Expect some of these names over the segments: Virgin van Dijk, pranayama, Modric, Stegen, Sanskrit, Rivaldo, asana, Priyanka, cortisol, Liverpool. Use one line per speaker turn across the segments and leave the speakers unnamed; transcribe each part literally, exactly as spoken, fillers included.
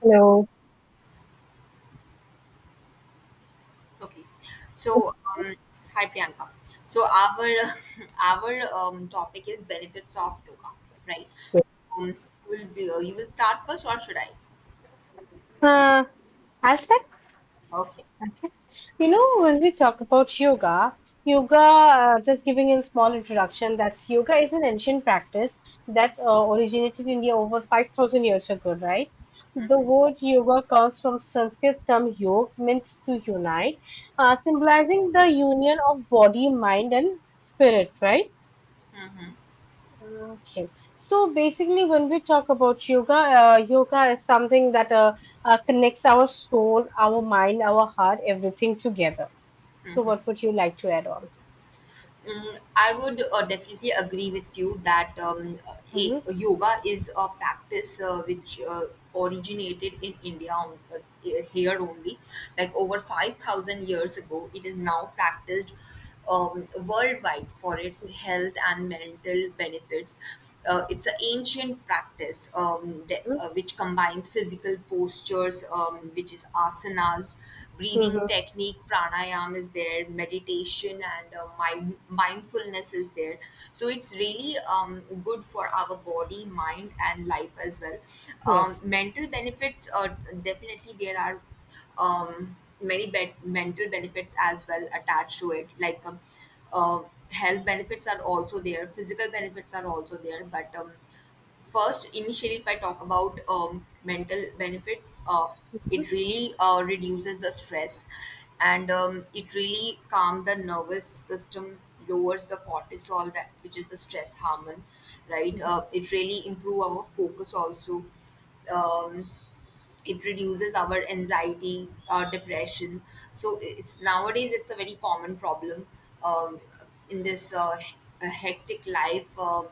Hello.
Okay. So, um, Hi Priyanka. So our our um, topic is benefits of yoga, right? Um, you will be, uh, you will start first, or should I?
Uh, I'll start.
Okay.
You know, when we talk about yoga, yoga, uh, just giving a small introduction, that's yoga is an ancient practice that uh, originated in India over five thousand years ago, right? The word yoga comes from Sanskrit term yog, means to unite, uh, symbolizing the union of body, mind, and spirit, right?
Mm-hmm.
Okay. So basically, when we talk about yoga, uh, yoga is something that uh, uh, connects our soul, our mind, our heart, everything together. So,
Mm-hmm.
what would you like to add on?
Mm, I would uh, definitely agree with you that um, uh, a,
Mm-hmm.
yoga is a practice uh, which uh, originated in India on, uh, here only. Like over five thousand years ago, it is now practiced um, worldwide for its health and mental benefits. Uh, it's an ancient practice um, de- uh, which combines physical postures, um, which is asanas, breathing
Mm-hmm. Mm-hmm.
technique, pranayam is there, meditation, and uh, mind- mindfulness is there. So it's really um, good for our body, mind, and life as well. Um,
Yes.
mental benefits, uh, definitely, there are um, many be- mental benefits as well attached to it. Like um, uh, health benefits are also there, physical benefits are also there. But um, first, initially, if I talk about um, mental benefits, uh,
Mm-hmm.
it really uh, reduces the stress and um, it really calms the nervous system, lowers the cortisol, that which is the stress hormone, right. uh, it really improve our focus also. um, it reduces our anxiety or depression, so it's nowadays, it's a very common problem um, in this uh, he- uh, hectic life. uh,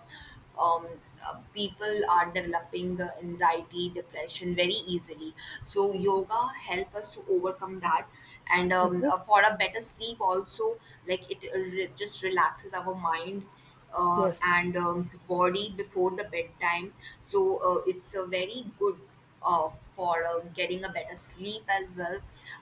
um, uh, people are developing uh, anxiety depression very easily, so yoga help us to overcome that. And um,
Mm-hmm.
uh, for a better sleep also, like it uh, re- just relaxes our mind uh,
Yes.
and um, body before the bedtime. So uh, it's a very good uh, for uh, getting a better sleep as well.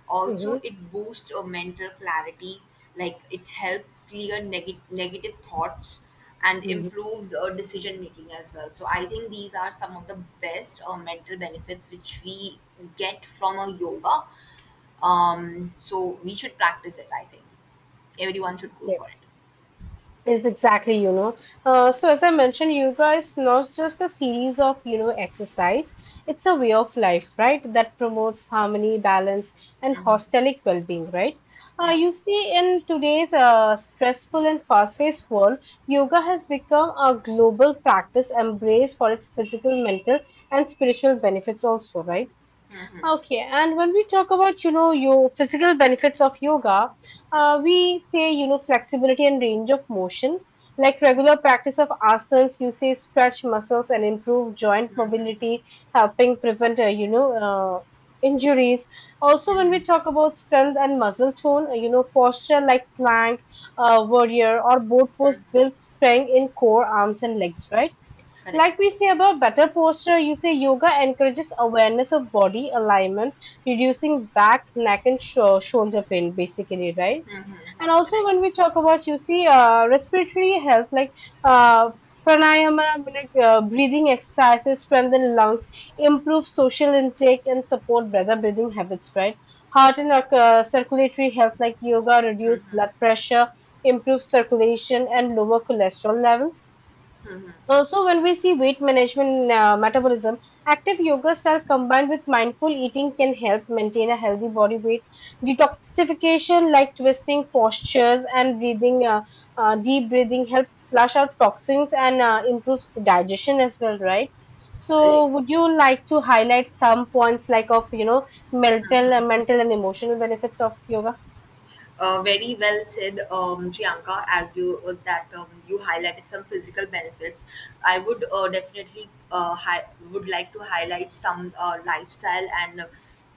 Also,
Mm-hmm.
it boosts your mental clarity, like it helps clear neg- negative thoughts and
Mm-hmm.
improves uh, decision making as well. So, I think these are some of the best uh, mental benefits which we get from a yoga. Um, so, we should practice it, I think. Everyone should go for it.
Yes. Is exactly, you know. Uh, so as I mentioned, yoga is not just a series of, you know, exercise. It's a way of life, right? That promotes harmony, balance, and
Hmm.
hostelic well-being, right? Uh,
Yeah.
you see, in today's uh, stressful and fast-paced world, yoga has become a global practice embraced for its physical, mental, and spiritual benefits also, right?
Hmm.
Okay, and when we talk about, you know, your physical benefits of yoga, uh, we say, you know, flexibility and range of motion. Like regular practice of asanas, you say stretch muscles and improve joint mobility, helping prevent, uh, you know, uh, injuries. Also, when
Hmm.
we talk about strength and muscle tone, uh, you know, posture like plank, uh, warrior, or boat pose
Hmm.
builds strength in core, arms, and legs, right?
Correct.
Like we say about better posture, you say yoga encourages awareness of body alignment, reducing back, neck, and sho- shoulder pain, basically, right?
Hmm. Hmm.
And also,
Correct.
when we talk about, you see, uh, respiratory health, like uh, pranayama, like, uh, breathing exercises, strengthen lungs, improve social intake, and support better breathing habits, right? Heart and uh, circulatory health, like yoga, reduce
Hmm.
blood pressure, improve circulation, and lower cholesterol levels. Also, when we see weight management uh, metabolism, active yoga style combined with mindful eating can help maintain a healthy body weight. Detoxification, like twisting postures and breathing, uh, uh, deep breathing, help flush out toxins and uh, improves digestion as well, right?
Correct.
So, would you like to highlight some points like of you know mental, uh, mental and emotional benefits of yoga?
Uh, very well said, um, Priyanka. As you uh, that um, you highlighted some physical benefits, I would uh, definitely uh, hi- would like to highlight some uh, lifestyle and uh,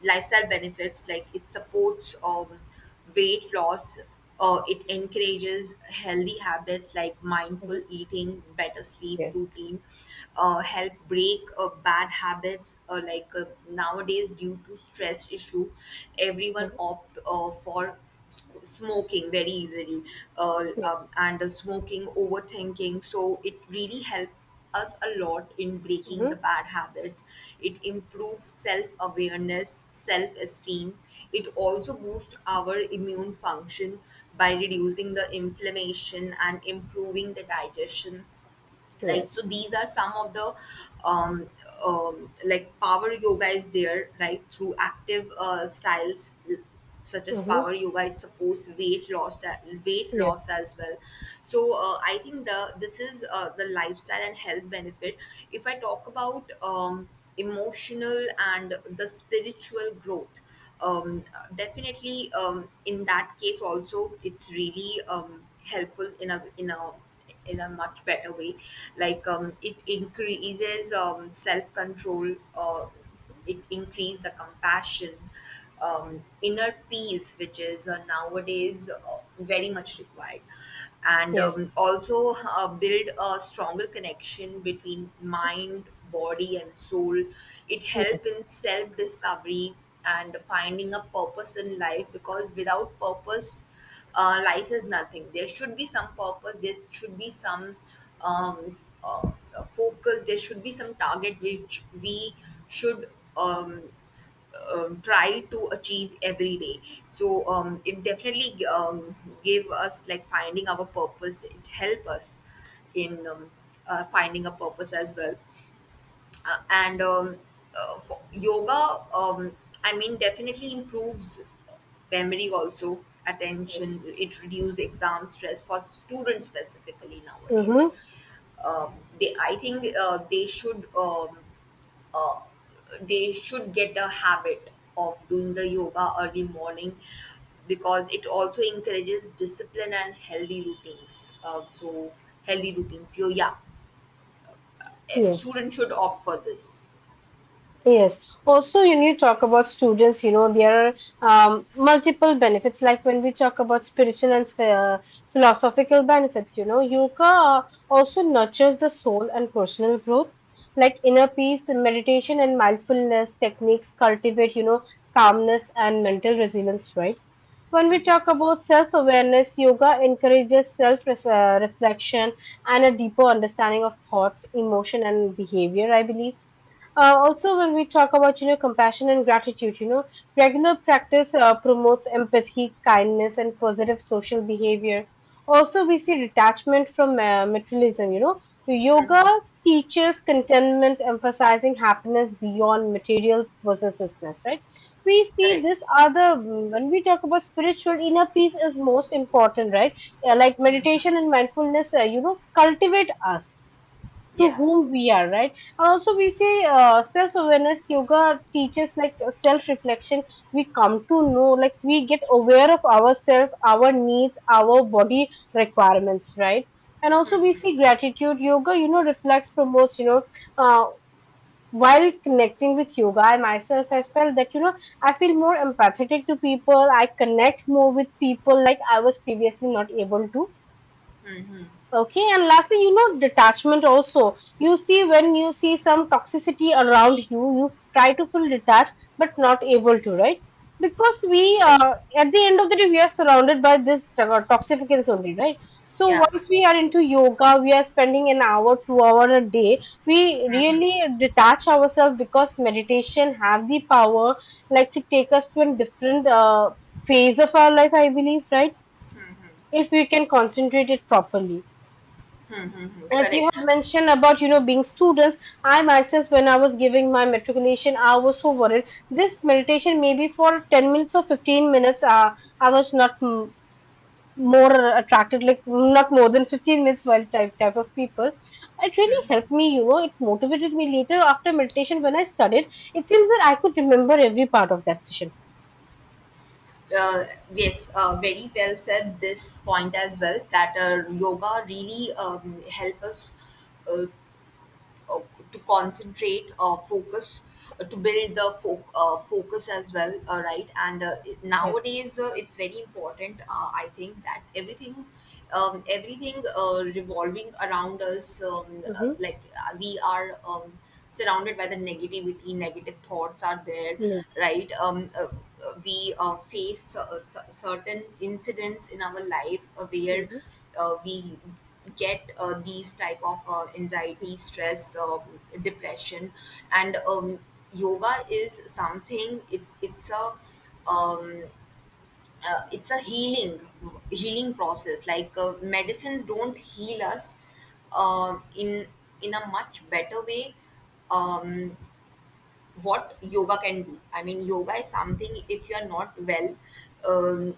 lifestyle benefits. Like it supports um, weight loss. Uh, it encourages healthy habits like
Mhm.
mindful eating, better sleep
Yes.
routine, uh, help break uh, bad habits, uh, like uh, nowadays due to stress issue everyone
Hmm.
opt uh, for sc- smoking very easily. Uh,
Yes.
um, and uh, smoking, overthinking, so it really helps us a lot in breaking
Hmm.
the bad habits. It improves self awareness, self esteem. It also boosts our immune function by reducing the inflammation and improving the digestion, right. so
Yes.
these are some of the um, um, like power yoga is there, right, through active uh, styles l- such as
Hmm.
power yoga, it supports weight loss uh, weight
Yes.
loss as well. So uh, I think the this is uh, the lifestyle and health benefit. If I talk about um, emotional and the spiritual growth, um, definitely um, in that case also it's really um, helpful in a in a in a much better way. Like um, it increases um, self-control, uh, it increases the compassion, um, inner peace, which is uh, nowadays uh, very much required. And
Yes.
um, also uh, build a stronger connection between mind, body and soul. It
Yes.
help in self discovery and finding a purpose in life, because without purpose uh, life is nothing. There should be some purpose, there should be some um, f- uh, uh, focus, there should be some target which we should um, um, try to achieve every day. So um, it definitely um, gave us like finding our purpose, it help us in um, uh, finding a purpose as well. Uh, and um, uh, for yoga, um, I mean, definitely improves memory also, attention. It reduces exam stress for students specifically nowadays.
Hmm.
Um, they I think uh, they should um, uh, they should get a habit of doing the yoga early morning, because it also encourages discipline and healthy routines uh, so healthy routines. So yeah, eh,
Yes.
students should opt for this.
Yes. Also, when you need to talk about students, you know, there are um, multiple benefits. Like when we talk about spiritual and uh, philosophical benefits, you know, yoga also nurtures the soul and personal growth. Like inner peace, and meditation, and mindfulness techniques cultivate, you know, calmness and mental resilience, right? When we talk about self awareness, yoga encourages self uh, reflection and a deeper understanding of thoughts, emotion, and behavior, I believe. Uh, also, when we talk about you know compassion and gratitude, you know regular practice uh, promotes empathy, kindness, and positive social behavior. Also, we see detachment from uh, materialism. You know, yoga teaches contentment, emphasizing happiness beyond material possessiveness. Right? We see
Correct.
this other when we talk about spiritual inner peace is most important. Right? Uh, like meditation and mindfulness, uh, you know, cultivate us to
Yeah.
whom we are, right? And also we say, uh, self-awareness yoga teaches like self-reflection. We come to know, like, we get aware of ourselves, our needs, our body requirements, right? And also we see gratitude. Yoga you know reflects promotes you know uh, while connecting with yoga, I myself has felt that you know I feel more empathetic to people. I connect more with people like I was previously not able to. Okay, and lastly, you know, detachment also. You see, when you see some toxicity around you, you try to feel detached, but not able to, right? Because we,
Correct.
uh, at the end of the day, we are surrounded by this to- toxicants only, right? So
Yeah.
once we are into yoga, we are spending an hour, two hour a day. We really detach ourselves because meditation have the power, like to take us to a different uh, phase of our life. I believe, right? If we can concentrate it properly
Hmm, hmm, hmm.
as you
Correct.
have mentioned about you know being students. I myself, when I was giving my matriculation, I was so worried. This meditation maybe for ten minutes or fifteen minutes uh, I was not mm, more attracted, like not more than fifteen minutes. While type type of people, it really helped me you know it motivated me later. After meditation when I studied, it seems that I could remember every part of that session.
Uh, yes, uh, very well said this point as well, that uh, yoga really um, help us uh, uh, to concentrate, uh, focus, uh, to build the fo- uh, focus as well, uh, right? And uh, it-
Yes.
nowadays uh, it's very important, uh, I think, that everything um, everything uh, revolving around us, um, uh,
Mm-hmm.
like uh, we are Um, surrounded by the negativity, negative thoughts are there,
Yes.
right. um, uh, uh, we uh, face uh, s- certain incidents in our life uh, where
Mm-hmm.
uh, we get uh, these type of uh, anxiety, stress, um depression. And um, yoga is something, it's it's a um, uh, it's a healing healing process, like uh, medicines don't heal us uh, in in a much better way um, what yoga can do. I mean, yoga is something, if you are not well um,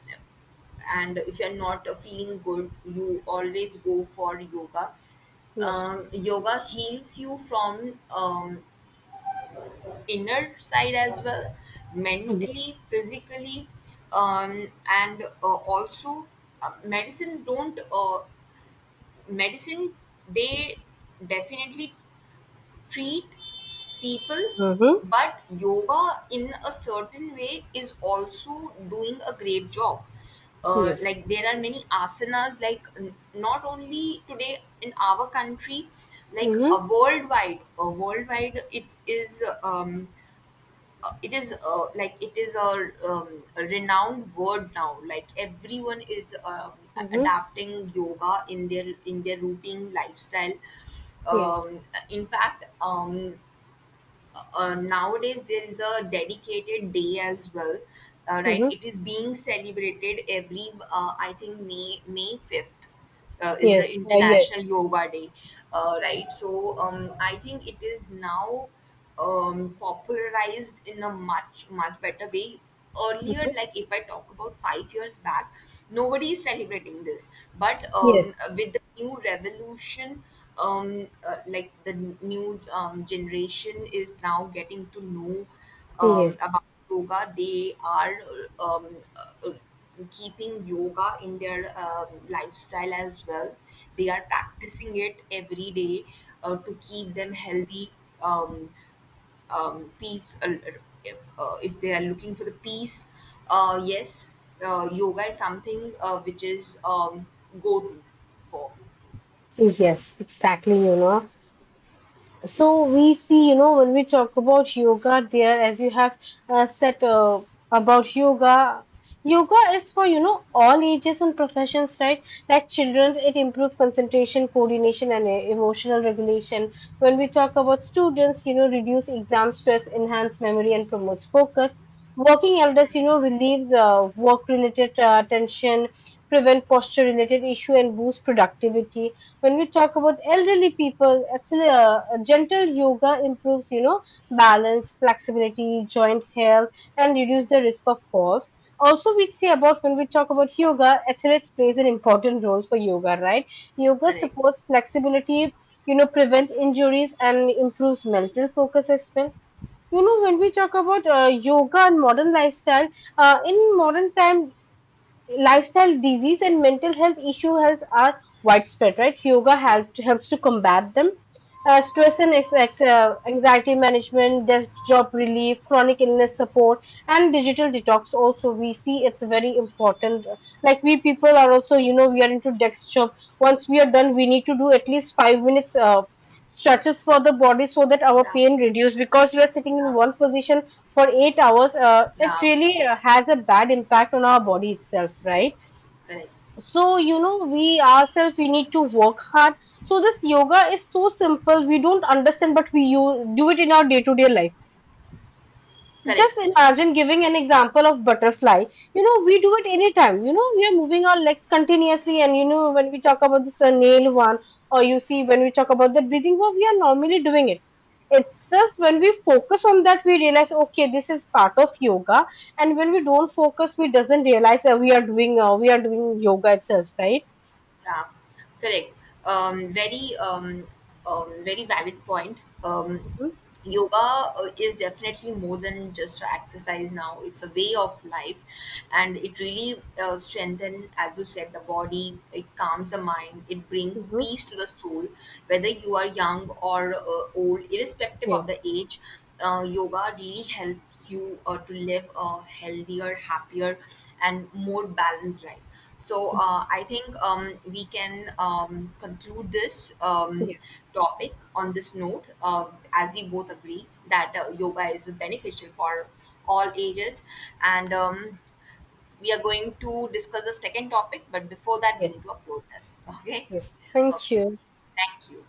and if you are not uh, feeling good, you always go for yoga.
Yes.
Um, yoga heals you from um, inner side as well,
Yes.
mentally, physically, um, and uh, also uh, medicines don't. Uh, medicine, they definitely treat people,
Mm-hmm.
but yoga in a certain way is also doing a great job. uh,
Yes.
like there are many asanas, like n- not only today in our country, like a
Mm-hmm.
worldwide a worldwide it's is um uh, it is uh, like it is a, um, a renowned word now, like everyone is um, a-
Mm-hmm.
adapting yoga in their in their routine lifestyle.
Yes.
um, in fact, um, uh, uh, nowadays there is a dedicated day as well, uh, right.
Mm-hmm.
It is being celebrated every uh, I think, may may fifth uh, is the
Yes, uh, yes.
international yoga day, uh, right. So um, I think it is now um, popularized in a much much better way. Earlier, like if I talk about five years back, nobody is celebrating this. But um,
Yes,
with the new revolution, um, uh, like the new um, generation is now getting to know um,
yes,
about yoga. They are um, uh, keeping yoga in their um, lifestyle as well, they are practicing it every day uh, to keep them healthy, um, um, peace. Uh, if uh, if they are looking for the peace, uh, yes, uh, yoga is something uh, which is um, go to for.
yes, exactly, you know. So we see, you know, when we talk about yoga there, as you have uh, said uh, about yoga, yoga is for, you know, all ages and professions, right? Like children, it improves concentration, coordination, and uh, emotional regulation. When we talk about students, you know, reduce exam stress, enhance memory, and promotes focus. Working elders, you know, relieves uh, work-related uh, tension, prevent posture-related issue, and boost productivity when we talk about elderly people, actually, uh, gentle yoga improves, you know, balance, flexibility, joint health, and reduce the risk of falls. Also, we see about when we talk about yoga, athletes plays an important role for yoga, right? Yoga
Correct.
supports flexibility, you know, prevent injuries and improves mental focus as well. You know, when we talk about uh, yoga and modern lifestyle, uh, in modern time, lifestyle disease and mental health issue has are widespread, right? Yoga
Yeah.
help, helps to combat them. Uh, stress and ex- ex- uh, anxiety management, desk job relief, chronic illness support, and digital detox also we see it's very important. Like we people are also you know we are into desk job. Once we are done we need to do at least five minutes uh, stretches for the body so that our
Yeah.
pain reduce because we are sitting in
Yeah.
one position for eight hours, uh, it
Yeah.
really uh, has a bad impact on our body itself,
Correct.
right?
Correct.
So, you know, we ourselves, we need to work hard. So, this yoga is so simple. We don't understand, but we use, do it in our day to day life.
Correct.
Just imagine giving an example of butterfly. You know, we do it anytime. You know, we are moving our legs continuously, and you know, when we talk about this uh, nail one, or you see when we talk about the breathing one, we are normally doing it. It's just when we focus on that, we realize, okay, this is part of yoga. And when we don't focus, we doesn't realize that we are doing uh, we are doing yoga itself, right?
Yeah, correct. Um, very, um, um, very valid point. Um,
Hmm.
yoga uh, is definitely more than just a exercise now. It's a way of life, and it really uh, strengthens, as you said, the body. It calms the mind. It brings
Hmm.
peace to the soul. Whether you are young or uh, old, irrespective of
Yes,
the age, uh, yoga really helps you uh, to live a healthier, happier, and more balanced life. So uh, I think um, we can um, conclude this um,
yes,
topic on this note, uh, as we both agree that uh, yoga is beneficial for all ages, and um, we are going to discuss the second topic. But before that, we
yes,
need to upload this. Okay.
yes. Thank
Okay.
you.
Thank you.